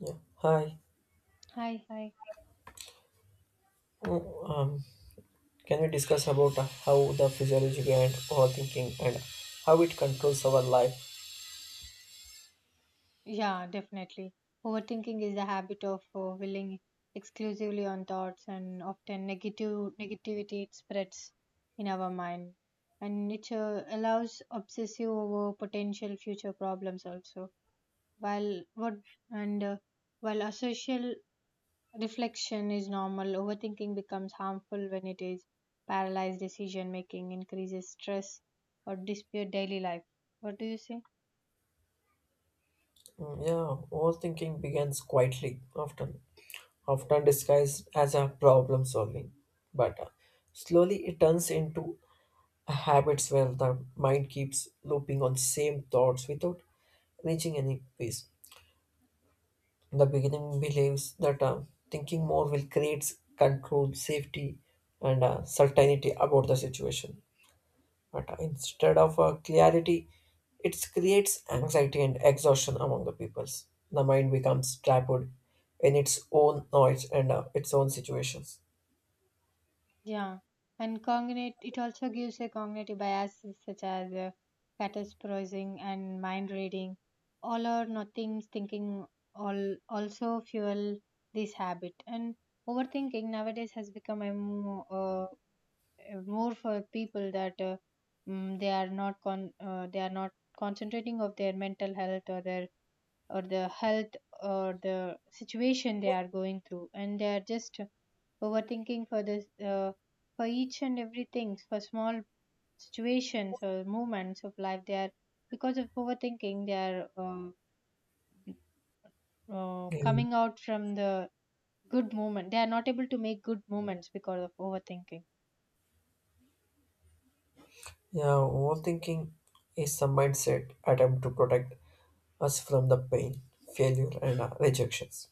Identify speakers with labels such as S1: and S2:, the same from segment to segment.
S1: Yeah. Hi.
S2: Hi, hi.
S1: Oh, Um, can we discuss about how the physiology behind overthinking and how it controls our life?
S2: Yeah, definitely. Overthinking is the habit of dwelling exclusively on thoughts and often negative negativity it spreads in our mind. And it allows obsessive over potential future problems also. While what and While asocial reflection is normal, overthinking becomes harmful when it is paralyzed decision making, increases stress or dispute daily life. What do you say?
S1: Yeah, overthinking begins quietly, often disguised as a problem solving, but slowly it turns into a habits where the mind keeps looping on same thoughts without reaching any peace. In The beginning believes that thinking more will create control, safety, and certainty about the situation. But instead of clarity, it creates anxiety and exhaustion among the peoples. The mind becomes trapped in its own noise and its own situations.
S2: Yeah, and cognate it also gives a cognitive biases such as catastrophizing and mind reading. All or nothing thinking all also fuel this habit. And overthinking nowadays has become a more for people that they are not con they are not concentrating of their mental health or their or the health or the situation they are going through, and they are just overthinking for this, for each and everything, for small situations or moments of life they are, because of overthinking they are
S1: Mm.
S2: coming out from the good moment, they are not able to make good moments because of overthinking.
S1: Yeah, overthinking is a mindset attempt to protect us from the pain, failure, and rejections.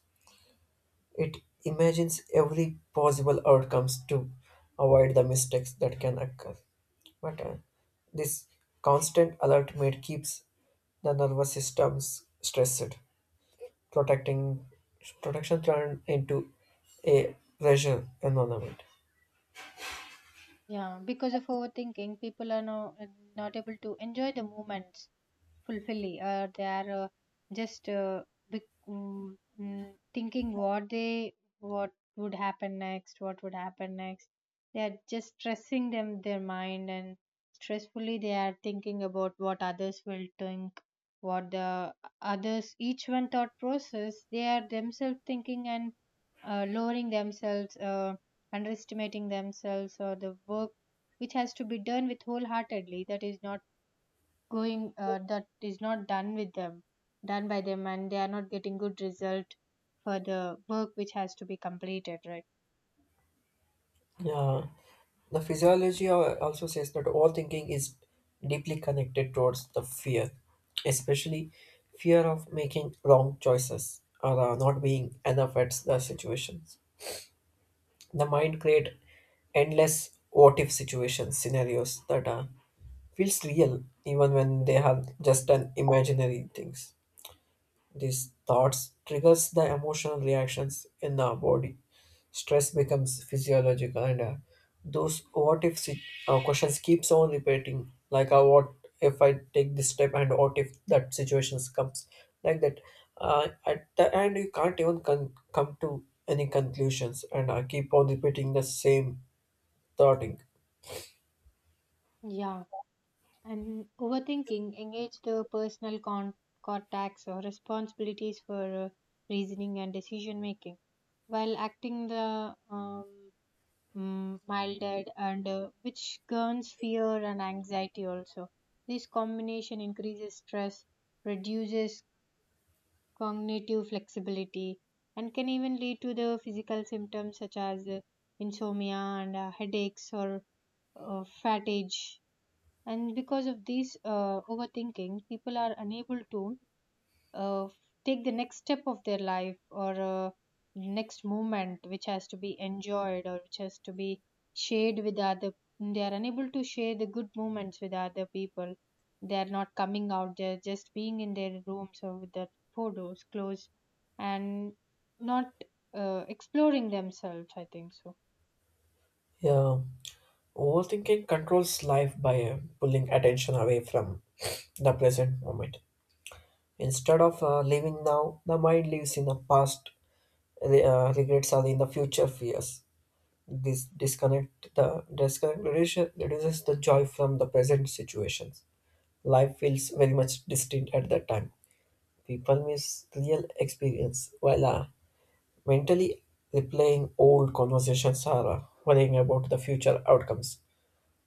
S1: It imagines every possible outcomes to avoid the mistakes that can occur. But this constant alert mode keeps the nervous systems stressed, protecting protection turned into a pressure environment.
S2: Yeah, because of overthinking people are now not able to enjoy the moments fulfilling, they are just bec- mm, mm, thinking what they, what would happen next, what would happen next, they are just stressing them, their mind, and stressfully they are thinking about what others will think, what the others, each one thought process they are themselves thinking and lowering themselves, underestimating themselves or the work which has to be done with wholeheartedly, that is not going, that is not done with them, done by them, and they are not getting good result for the work which has to be completed, right?
S1: Yeah, the physiology also says that overthinking is deeply connected towards the fear, especially fear of making wrong choices or not being enough at the situations. The mind create endless what if situations scenarios that are feels real even when they have just an imaginary things. These thoughts triggers the emotional reactions in our body. Stress becomes physiological and those what if si- questions keeps on repeating like what if I take this step and what if that situations comes like that. At the end you can't even come to any conclusions and keep on repeating the same thought.
S2: Yeah. And overthinking engage the contacts or responsibilities for reasoning and decision making while acting the milded, and which turns fear and anxiety also. This combination increases stress, reduces cognitive flexibility, and can even lead to the physical symptoms such as insomnia and headaches or fatigue. And because of this overthinking, people are unable to uh, take the next step of their life, or next moment which has to be enjoyed or which has to be shared with other. They are unable to share the good moments with other people. They are not coming out, they're just being in their rooms or with their photos closed, and not exploring themselves, I think so.
S1: Yeah, overthinking controls life by pulling attention away from the present moment. Instead of living now, the mind lives in the past, regrets are in the future fears. This disconnect the disconnect reduces, reduces the joy from the present situations. Life feels very much distinct at that time. People miss real experience while mentally replaying old conversations or worrying about the future outcomes.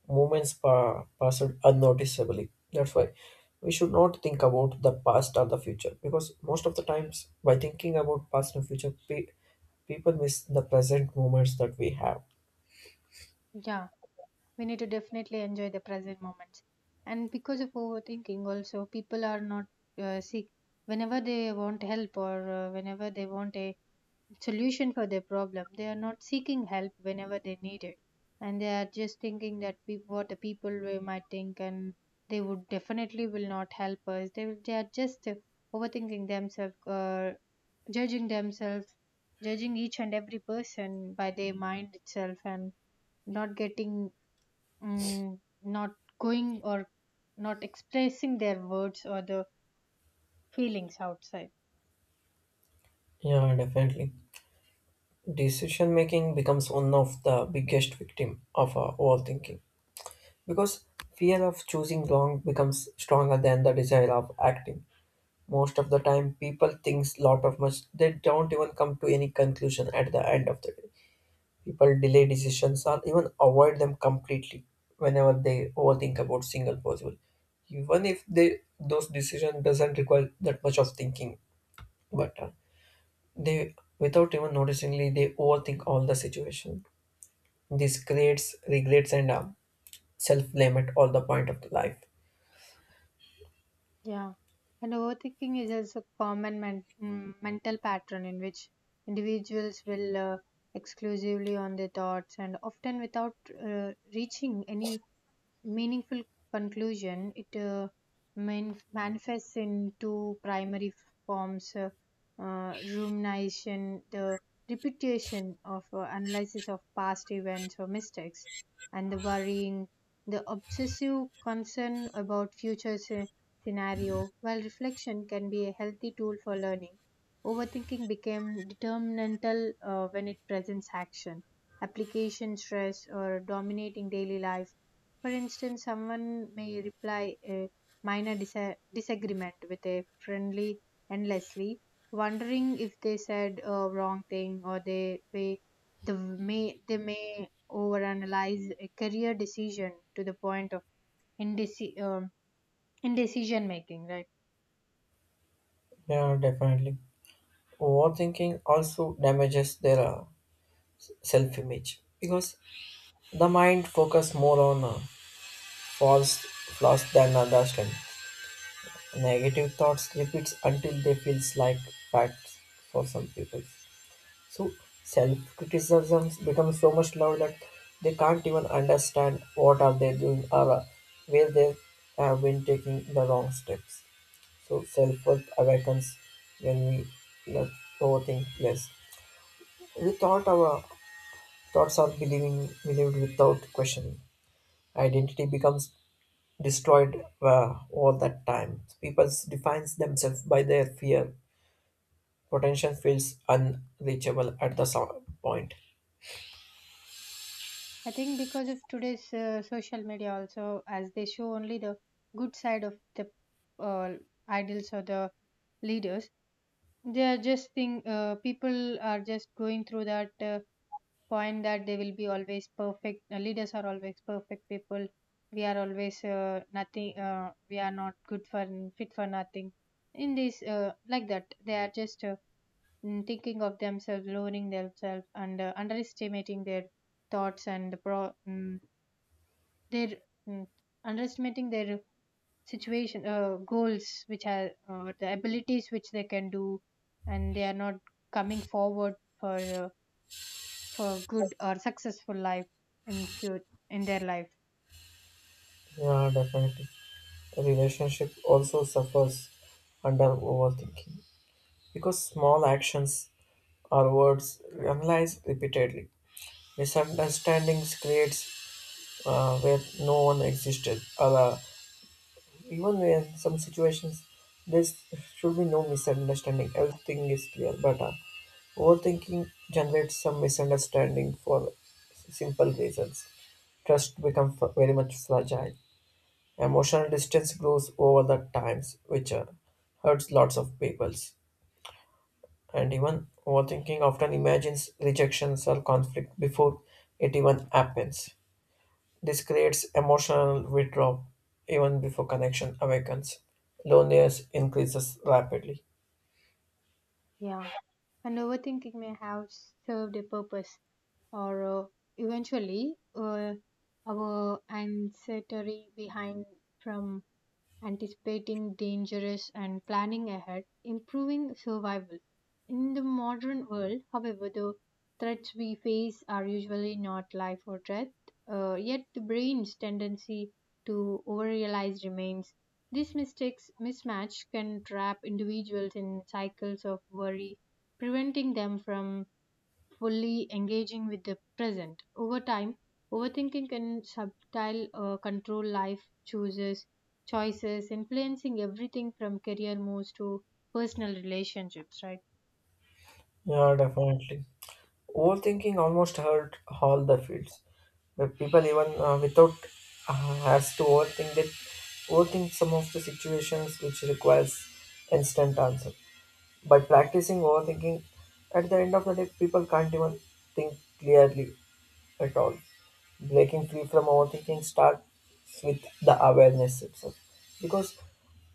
S1: Moments passed unnoticeably. That's why we should not think about the past or the future, because most of the times by thinking about past and future, people miss the present moments that we have.
S2: Yeah, we need to definitely enjoy the present moments, and because of overthinking also people are not seek whenever they want help or whenever they want a solution for their problem, they are not seeking help whenever they need it, and they are just thinking that peop what the people will, might think, and they would definitely will not help us, they are just overthinking themselves, judging themselves, judging each and every person by their mind itself, and not getting, not going, or not expressing their words or the feelings outside.
S1: Yeah, definitely. Decision making becomes one of the biggest victim of our overthinking because fear of choosing wrong becomes stronger than the desire of acting. Most of the time, people thinks lot of much. They don't even come to any conclusion at the end of the day. People delay decisions or even avoid them completely whenever they overthink about single possible. Even if they those decision doesn't require that much of thinking, but they without even noticingly they overthink all the situation. This creates regrets and self blame at all the point of the life.
S2: Yeah. And overthinking is also a common mental pattern in which individuals will exclusively on their thoughts and often without reaching any meaningful conclusion. It manifests in two primary forms, rumination, the repetition of analysis of past events or mistakes, and the worrying, the obsessive concern about scenario. While reflection can be a healthy tool for learning, overthinking became determinantal when it presents action application stress or dominating daily life. For instance, someone may reply a disagreement with a friendly endlessly, wondering if they said a wrong thing, or they may overanalyze a career decision to the point of indeci- um, indecision making. Right?
S1: Yeah, definitely. Overthinking also damages their self image because the mind focus more on false flaws than understand. Negative thoughts repeats until they feels like facts for some people, so self-criticism becomes so much loud that they can't even understand what are they doing or where they have been taking the wrong steps. So self-worth awakens when we let overthink less. We thought our thoughts are believing believed without questioning. Identity becomes destroyed all that time people defines themselves by their fear. Potential feels unreachable at the some point.
S2: I think because of today's social media also, as they show only the good side of the uh, idols or the leaders, they are just think people are just going through that point that they will be always perfect, leaders are always perfect people, we are always nothing, we are not good for fit for nothing in this, like that they are just thinking of themselves, lowering themselves and underestimating their thoughts and their mm, underestimating their situation, goals which are the abilities which they can do, and they are not coming forward uh, for good or successful life in future in their life.
S1: Yeah, definitely. The relationship also suffers under overthinking, because small actions or words analyzed repeatedly. Misunderstandings creates where no one existed, or even where some situations there should be no misunderstanding, everything is clear. But overthinking generates some misunderstanding for simple reasons. Trust becomes very much fragile. Emotional distance grows over the times, which hurts lots of peoples. And even overthinking often imagines rejections or conflict before it even happens. This creates emotional withdrawal even before connection awakens. Loneliness increases rapidly.
S2: Yeah, and overthinking may have served a purpose, or eventually our ancestry behind from anticipating dangers and planning ahead, improving survival. In the modern world, however, the threats we face are usually not life or death, yet the brain's tendency to overrealize remains. This mistakes mismatch can trap individuals in cycles of worry, preventing them from fully engaging with the present. Over time, overthinking can subtile control life chooses choices, influencing everything from career moves to personal relationships, right?
S1: Yeah, definitely. Overthinking almost hurt all the fields. The people even without has to overthink that overthink some of the situations which requires instant answer. By practicing overthinking, at the end of the day, people can't even think clearly at all. Breaking free from overthinking starts with the awareness itself, because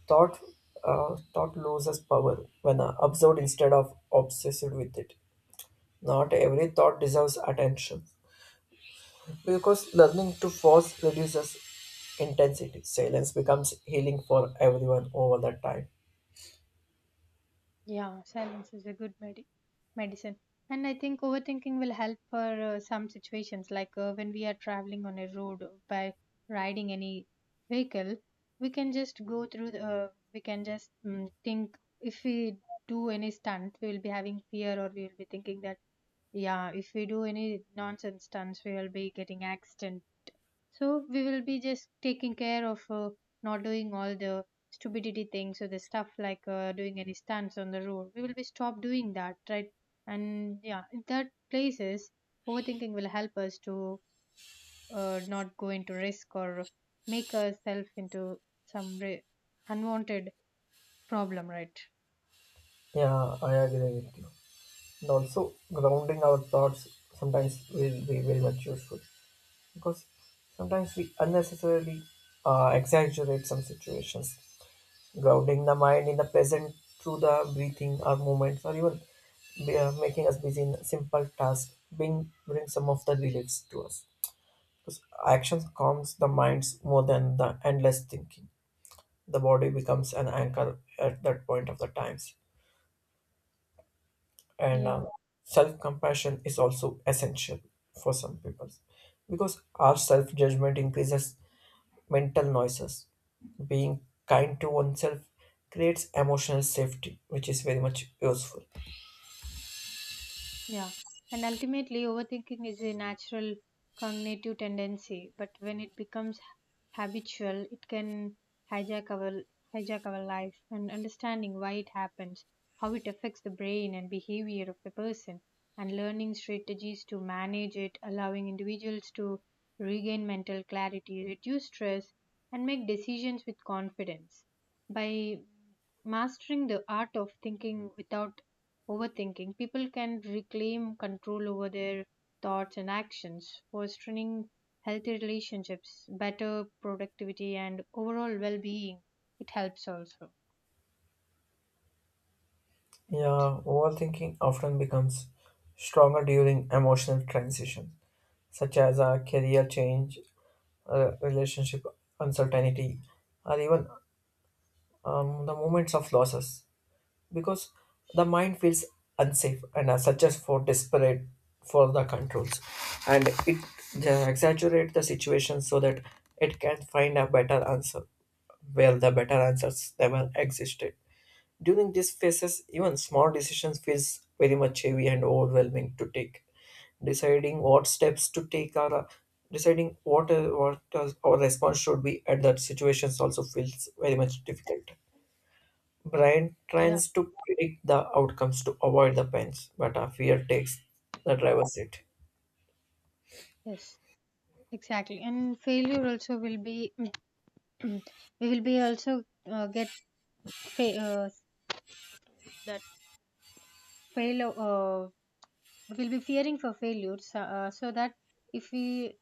S1: thought thought loses power when observed instead of obsessed with it. Not every thought deserves attention, because learning to pause reduces intensity. Silence becomes healing for everyone over the time.
S2: Yeah, silence is a good medicine. And I think overthinking will help for some situations, like when we are traveling on a road by riding any vehicle, we can just go through the, we can just think, if we do any stunt, we will be having fear, or we will be thinking that, yeah, if we do any nonsense stunts, we will be getting accident, so we will be just taking care of not doing all the stupidity things or the stuff like doing any stunts on the road. We will be stop doing that, right? And yeah, in that places, overthinking will help us to not go into risk or make ourselves into some re- unwanted problem, right?
S1: Yeah, I agree with you. And also, grounding our thoughts sometimes will be very much useful, because sometimes we unnecessarily exaggerate some situations. Grounding the mind in the present through the breathing or movements, or even making us busy in simple tasks, bring some of the reliefs to us. Because actions calms the minds more than the endless thinking. The body becomes an anchor at that point of the times, and
S2: Yeah.
S1: self compassion is also essential for some people because our self judgment increases mental noises. Being kind to oneself creates emotional safety, which is very much useful.
S2: Yeah. And ultimately, overthinking is a natural cognitive tendency, but when it becomes habitual, it can hijack our hijack our life, and understanding why it happens, how it affects the brain and behavior of the person, and learning strategies to manage it, allowing individuals to regain mental clarity, reduce stress, and make decisions with confidence. By mastering the art of thinking without overthinking, people can reclaim control over their thoughts and actions, fostering healthy relationships, better productivity, and overall well being. It helps also.
S1: Yeah, overthinking often becomes stronger during emotional transitions, such as a career change, a relationship uncertainty, or even the moments of losses, because the mind feels unsafe and are such as for desperate for the controls, and it exaggerate the situation so that it can find a better answer where the better answers never existed. During these phases, even small decisions feels very much heavy and overwhelming to take. Deciding what steps to take, or deciding what our response should be at that situations also feels very much difficult. Brian
S2: Yeah.
S1: tries to predict the outcomes to avoid the pains, but our fear takes the driver's seat.
S2: Yes, exactly. And failure also will be, we will be also get fa- that failure. We'll be fearing for failure, so, so that if we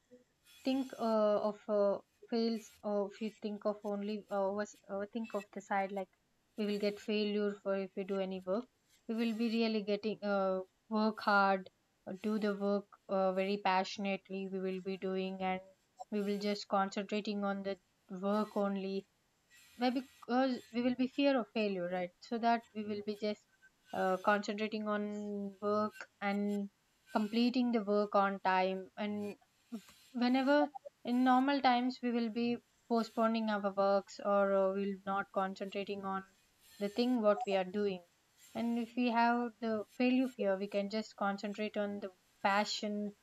S2: think of fails, or if you think of only was think of the side like we will get failure for, if we do any work we will be really getting work hard, do the work very passionately we will be doing, and we will just concentrating on the work only. Why? Because we will be fear of failure, right? So that we will be just concentrating on work and completing the work on time. And whenever in normal times we will be postponing our works or we'll not concentrating on the thing what we are doing. And if we have the failure fear, we can just concentrate on the passion,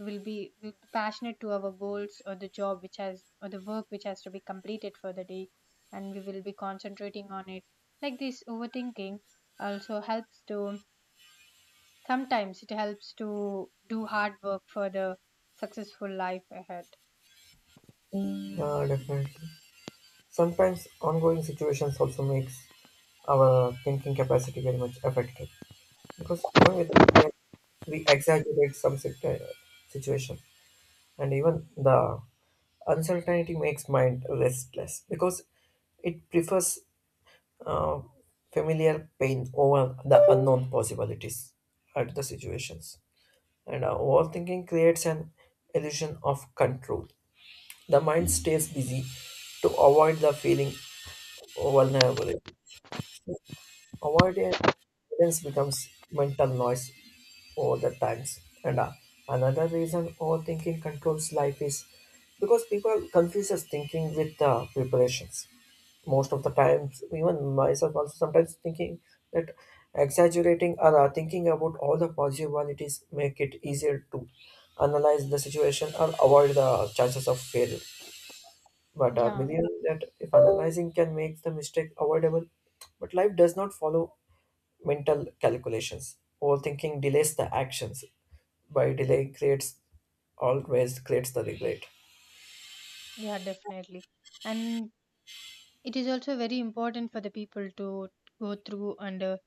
S2: will be, we will be passionate to our goals or the job which has, or the work which has to be completed for the day, and we will be concentrating on it. Like this, overthinking also helps to, sometimes it helps to do hard work for the successful life ahead.
S1: Yeah, definitely. Sometimes ongoing situations also makes our thinking capacity very much affected, because even with the fear we exaggerate some situation, and even the uncertainty makes mind restless because it prefers uh, familiar pain over the unknown possibilities at the situations. And overthinking creates an illusion of control. The mind stays busy to avoid the feeling of vulnerability. Avoidance becomes mental noise all the times. And another reason overthinking controls life is because people confuses thinking with preparations. Most of the times, even myself also sometimes thinking that exaggerating or thinking about all the possibilities make it easier to analyze the situation or avoid the chances of failure. But I
S2: Yeah.
S1: believe that if analyzing can make the mistake avoidable, but life does not follow mental calculations. Overthinking delays the actions by delay creates always creates the regret.
S2: Yeah, definitely. And it is also very important for the people to go through and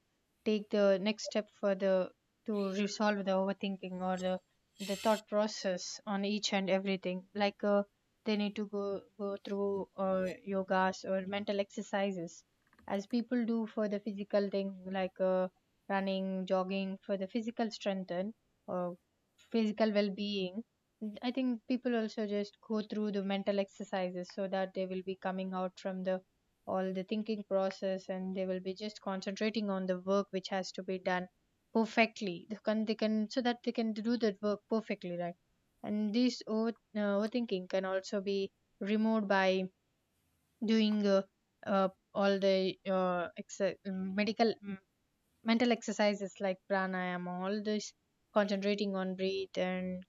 S2: take the next step for the, to resolve the overthinking or the thought process on each and everything, like they need to go through yogas or mental exercises, as people do for the physical thing, like running, jogging for the physical strength and or physical well-being. I think people also just go through the mental exercises so that they will be coming out from the all the thinking process and they will be just concentrating on the work which has to be done perfectly. They can, so that they can do that work perfectly, right? And this overthinking can also be removed by doing uh, all the mental exercises like pranayama, all this concentrating on breath and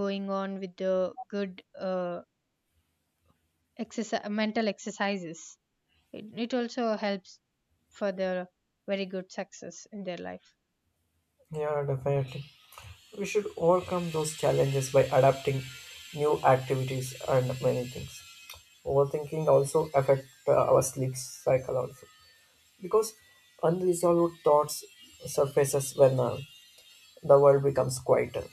S2: going on with the good exercise mental exercises. It also helps for their very good success in their life.
S1: Yeah, definitely. We should overcome those challenges by adapting new activities and many things. Overthinking also affect our sleep cycle also because unresolved thoughts surfaces when the world becomes quieter.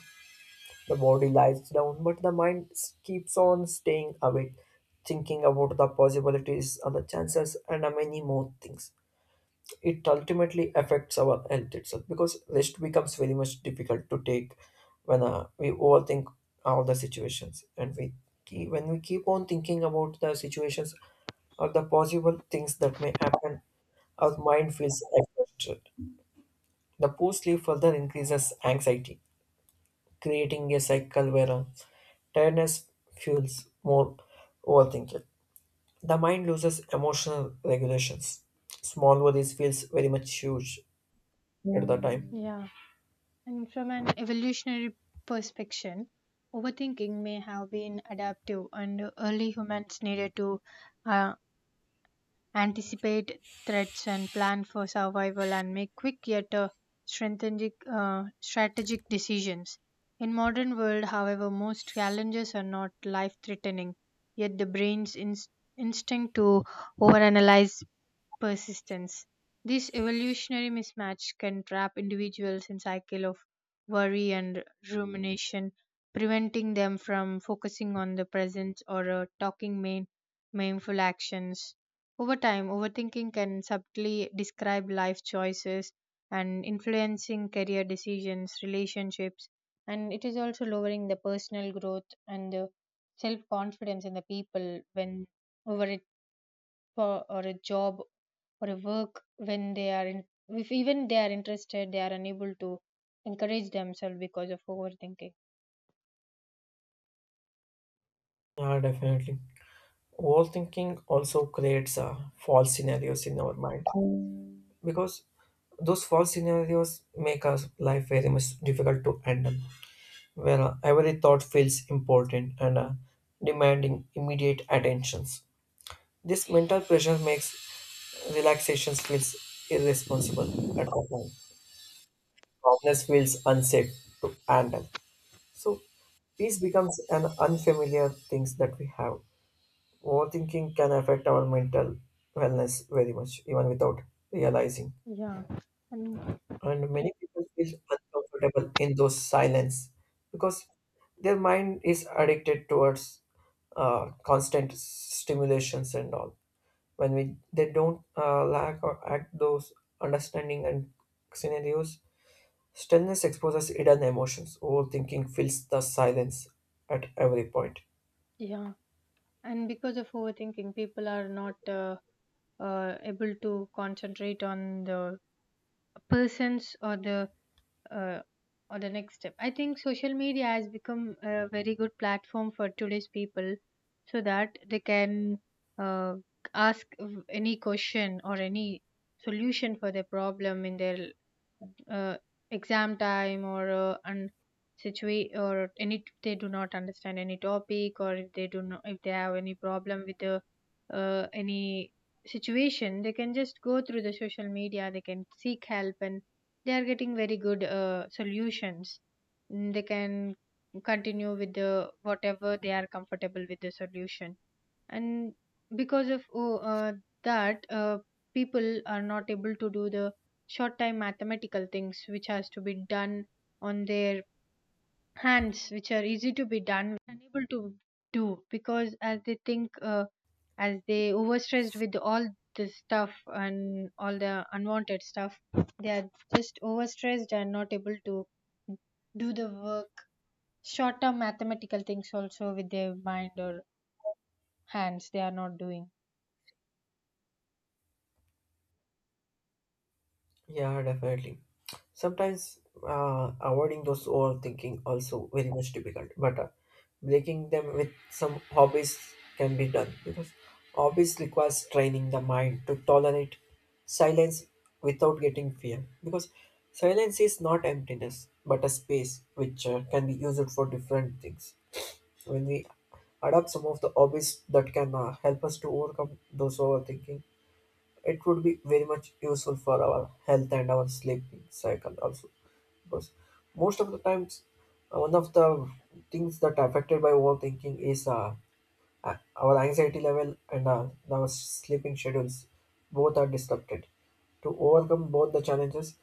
S1: The body lies down, but the mind keeps on staying awake, thinking about the possibilities and the chances and many more things. It ultimately affects our health itself because rest becomes very much difficult to take when we overthink all the situations, and when we keep on thinking about the situations or the possible things that may happen, our mind feels affected. The poor sleep further increases anxiety, creating a cycle where tiredness fuels more overthinking. The mind loses emotional regulations. Small worries feels very much huge at the time.
S2: Yeah. And from an evolutionary perspective, overthinking may have been adaptive, and early humans needed to uh, anticipate threats and plan for survival and make quick yet strategic decisions. In modern world, however, most challenges are not life-threatening, yet the instinct to overanalyze persistence. This evolutionary mismatch can trap individuals in cycle of worry and rumination, preventing them from focusing on the present or talking main, mindful actions. Over time, overthinking can subtly describe life choices and influencing career decisions, relationships, and it is also lowering the personal growth and the self confidence in the people when over it for or a job or a work when they are in, if even they are interested they are unable to encourage themselves because of overthinking.
S1: Yeah, definitely. Overthinking also creates false scenarios in our mind, because those false scenarios make our life very much difficult to handle, where every thought feels important and demanding immediate attentions. This mental pressure makes relaxations feels irresponsible at all time. Calmness feels unsafe to handle. So peace becomes an unfamiliar things that we have. Overthinking can affect our mental wellness very much, even without realizing.
S2: Yeah. And
S1: And many people feel uncomfortable in those silence because their mind is addicted towards constant stimulations and all. When we they don't lack or act those understanding and scenarios, stillness exposes hidden emotions. Overthinking fills the silence at every point.
S2: yeah, and because of overthinking people are not able to concentrate on the persons uh, or the next step. I think social media has become a very good platform for today's people so that they can uh, ask any question or any solution for their problem in their uh, exam time or and situate or any, if they do not understand any topic, or if they do not, if they have any problem with the any situation, they can just go through the social media, they can seek help, and they are getting very good solutions. Mm, they can continue with the whatever they are comfortable with the solution, and because of oh, that people are not able to do the short time mathematical things which has to be done on their hands which are easy to be done, unable to do, because as they think, as they overstressed with all this stuff and all the unwanted stuff, they are just overstressed and not able to do the work. Short term mathematical things also with their mind or hands they are not doing.
S1: Yeah, definitely. Sometimes avoiding those overthinking also very much difficult, but breaking them with some hobbies can be done because hobbies requires training the mind to tolerate silence without getting fear, because silence is not emptiness but a space which can be used for different things. When we adopt some of the hobbies that can help us to overcome those overthinking, it would be very much useful for our health and our sleeping cycle also, because most of the times one of the things that affected by overthinking is our anxiety level and our sleeping schedules. Both are disrupted. To overcome both the challenges,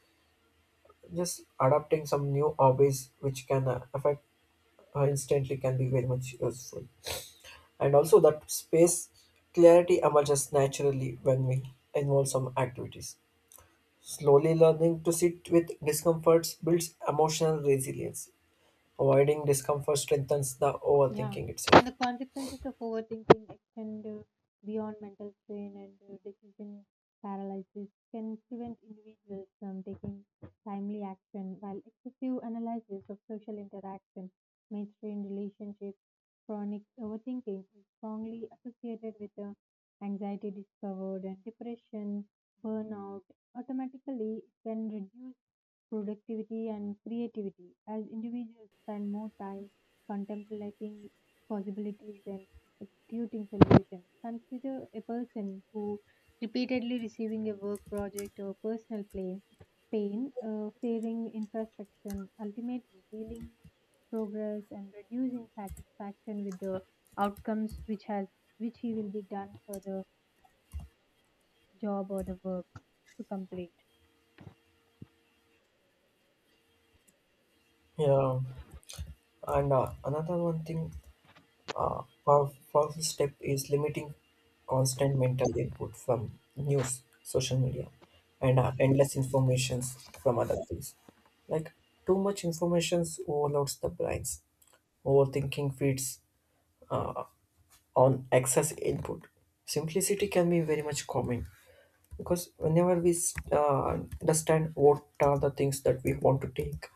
S1: just adopting some new hobbies which can affect instantly can be very much useful. And also that space, clarity emerges naturally when we involve some activities. Slowly learning to sit with discomforts builds emotional resilience. Avoiding discomfort strengthens the
S2: Yeah,
S1: overthinking itself.
S2: and the consequences of overthinking extend beyond mental strain and decision paralysis, can prevent individuals from taking timely action, while excessive analysis of social interaction may strain relationships. Chronic overthinking is strongly associated with anxiety disorder and depression, burnout. Automatically, it can reduce productivity and creativity, as individuals spend more time contemplating possibilities than executing solutions. Consider a person who repeatedly receiving a work project or personal play, pain, fearing infrastructure, ultimately dealing progress and reducing satisfaction with the outcomes which has, which he will be done for the job or the work to complete.
S1: Yeah, and another one thing, powerful step is limiting constant mental input from news, social media, and endless informations from other things. Like, too much information overloads the brains. Overthinking feeds on excess input. Simplicity can be very much common, because whenever we understand what are the things that we want to take,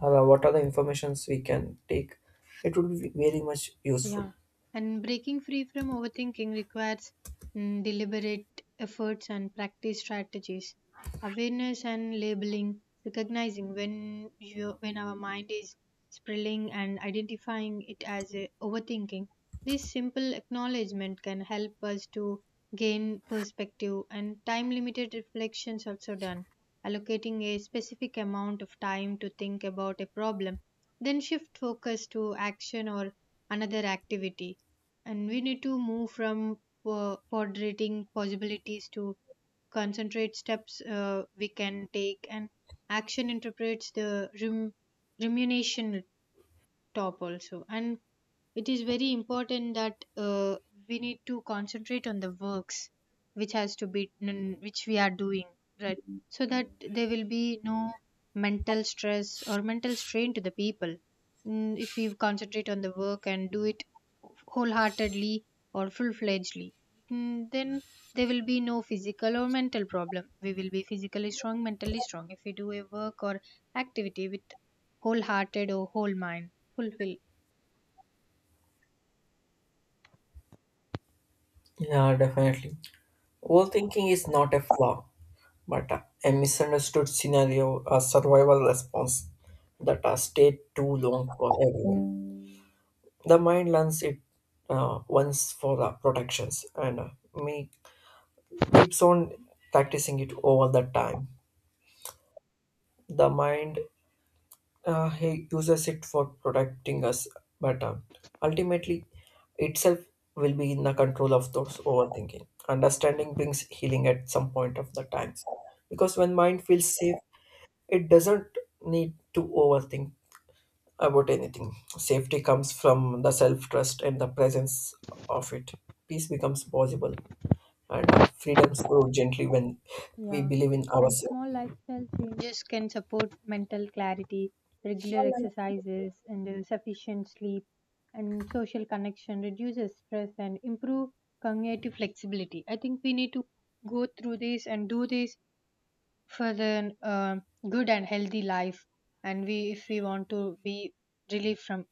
S1: what are the informations we can take, it would be very much useful.
S2: Yeah, and breaking free from overthinking requires mm, deliberate efforts and practice strategies, awareness and labeling, recognizing when our mind is spilling and identifying it as a overthinking. This simple acknowledgement can help us to gain perspective, and time limited reflections also done. Allocating a specific amount of time to think about a problem, then shift focus to action or another activity, and we need to move from ponderating possibilities to concentrate steps we can take, and action interprets the rem- remuneration top also. And it is very important that we need to concentrate on the works which has to be which we are doing right, so that there will be no mental stress or mental strain to the people. Mm, if we concentrate on the work and do it wholeheartedly or full-fledgedly, mm, then there will be no physical or mental problem. We will be physically strong, mentally strong, if we do a work or activity with wholehearted or whole mind fulfill.
S1: Yeah, definitely. Overthinking is not a flaw, but a misunderstood scenario, a survival response that has stayed too long for everyone. The mind learns it once for the protections and may keeps on practicing it over the time. The mind he uses it for protecting us better. Ultimately, itself will be in the control of those overthinking. Understanding brings healing at some point of the time, because when mind feels safe, it doesn't need to overthink about anything. Safety comes from the self trust and the presence of it. Peace becomes possible, and our freedoms grow gently when we
S2: Yeah,
S1: believe in
S2: and
S1: ourselves.
S2: small lifestyle changes can support mental clarity, regular exercises, and sufficient sleep, and social connection, reduces stress, and improve cognitive flexibility. I think we need to go through this and do this for the good and healthy life. And we, if we want to be relieved from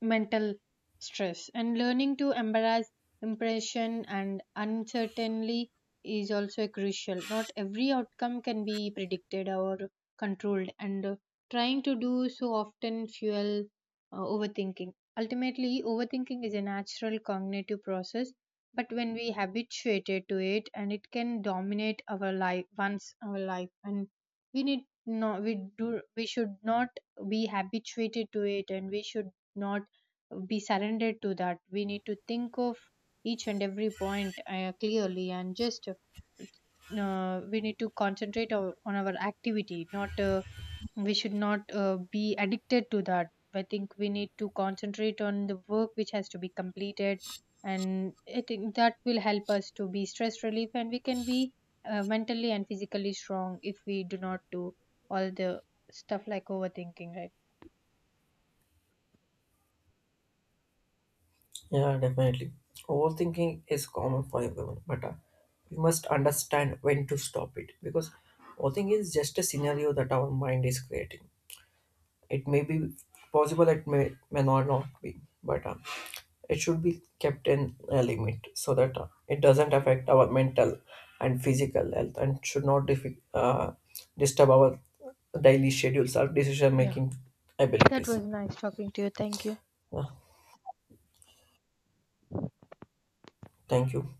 S2: mental stress, and learning to embrace impression and uncertainty is also crucial. Not every outcome can be predicted or controlled, and trying to do so often fuel overthinking. Ultimately, overthinking is a natural cognitive process, but when we habituated to it and it can dominate our life, once our life, and we need no, we do, we should not be habituated to it, and we should not be surrendered to that. We need to think of each and every point clearly, and just we need to concentrate on our activity, not we should not be addicted to that. I think we need to concentrate on the work which has to be completed, and I think that will help us to be stress relief, and we can be mentally and physically strong if we do not do all the stuff like overthinking, right?
S1: Yeah, definitely. Overthinking is common for everyone, but we must understand when to stop it because overthinking is just a scenario that our mind is creating. It may be possible, it may not be, but it should be kept in a limit so that it doesn't affect our mental and physical health and should not disturb our daily schedules or decision
S2: Yeah,
S1: making
S2: that
S1: abilities.
S2: was nice talking to you. Thank you.
S1: Uh, thank you.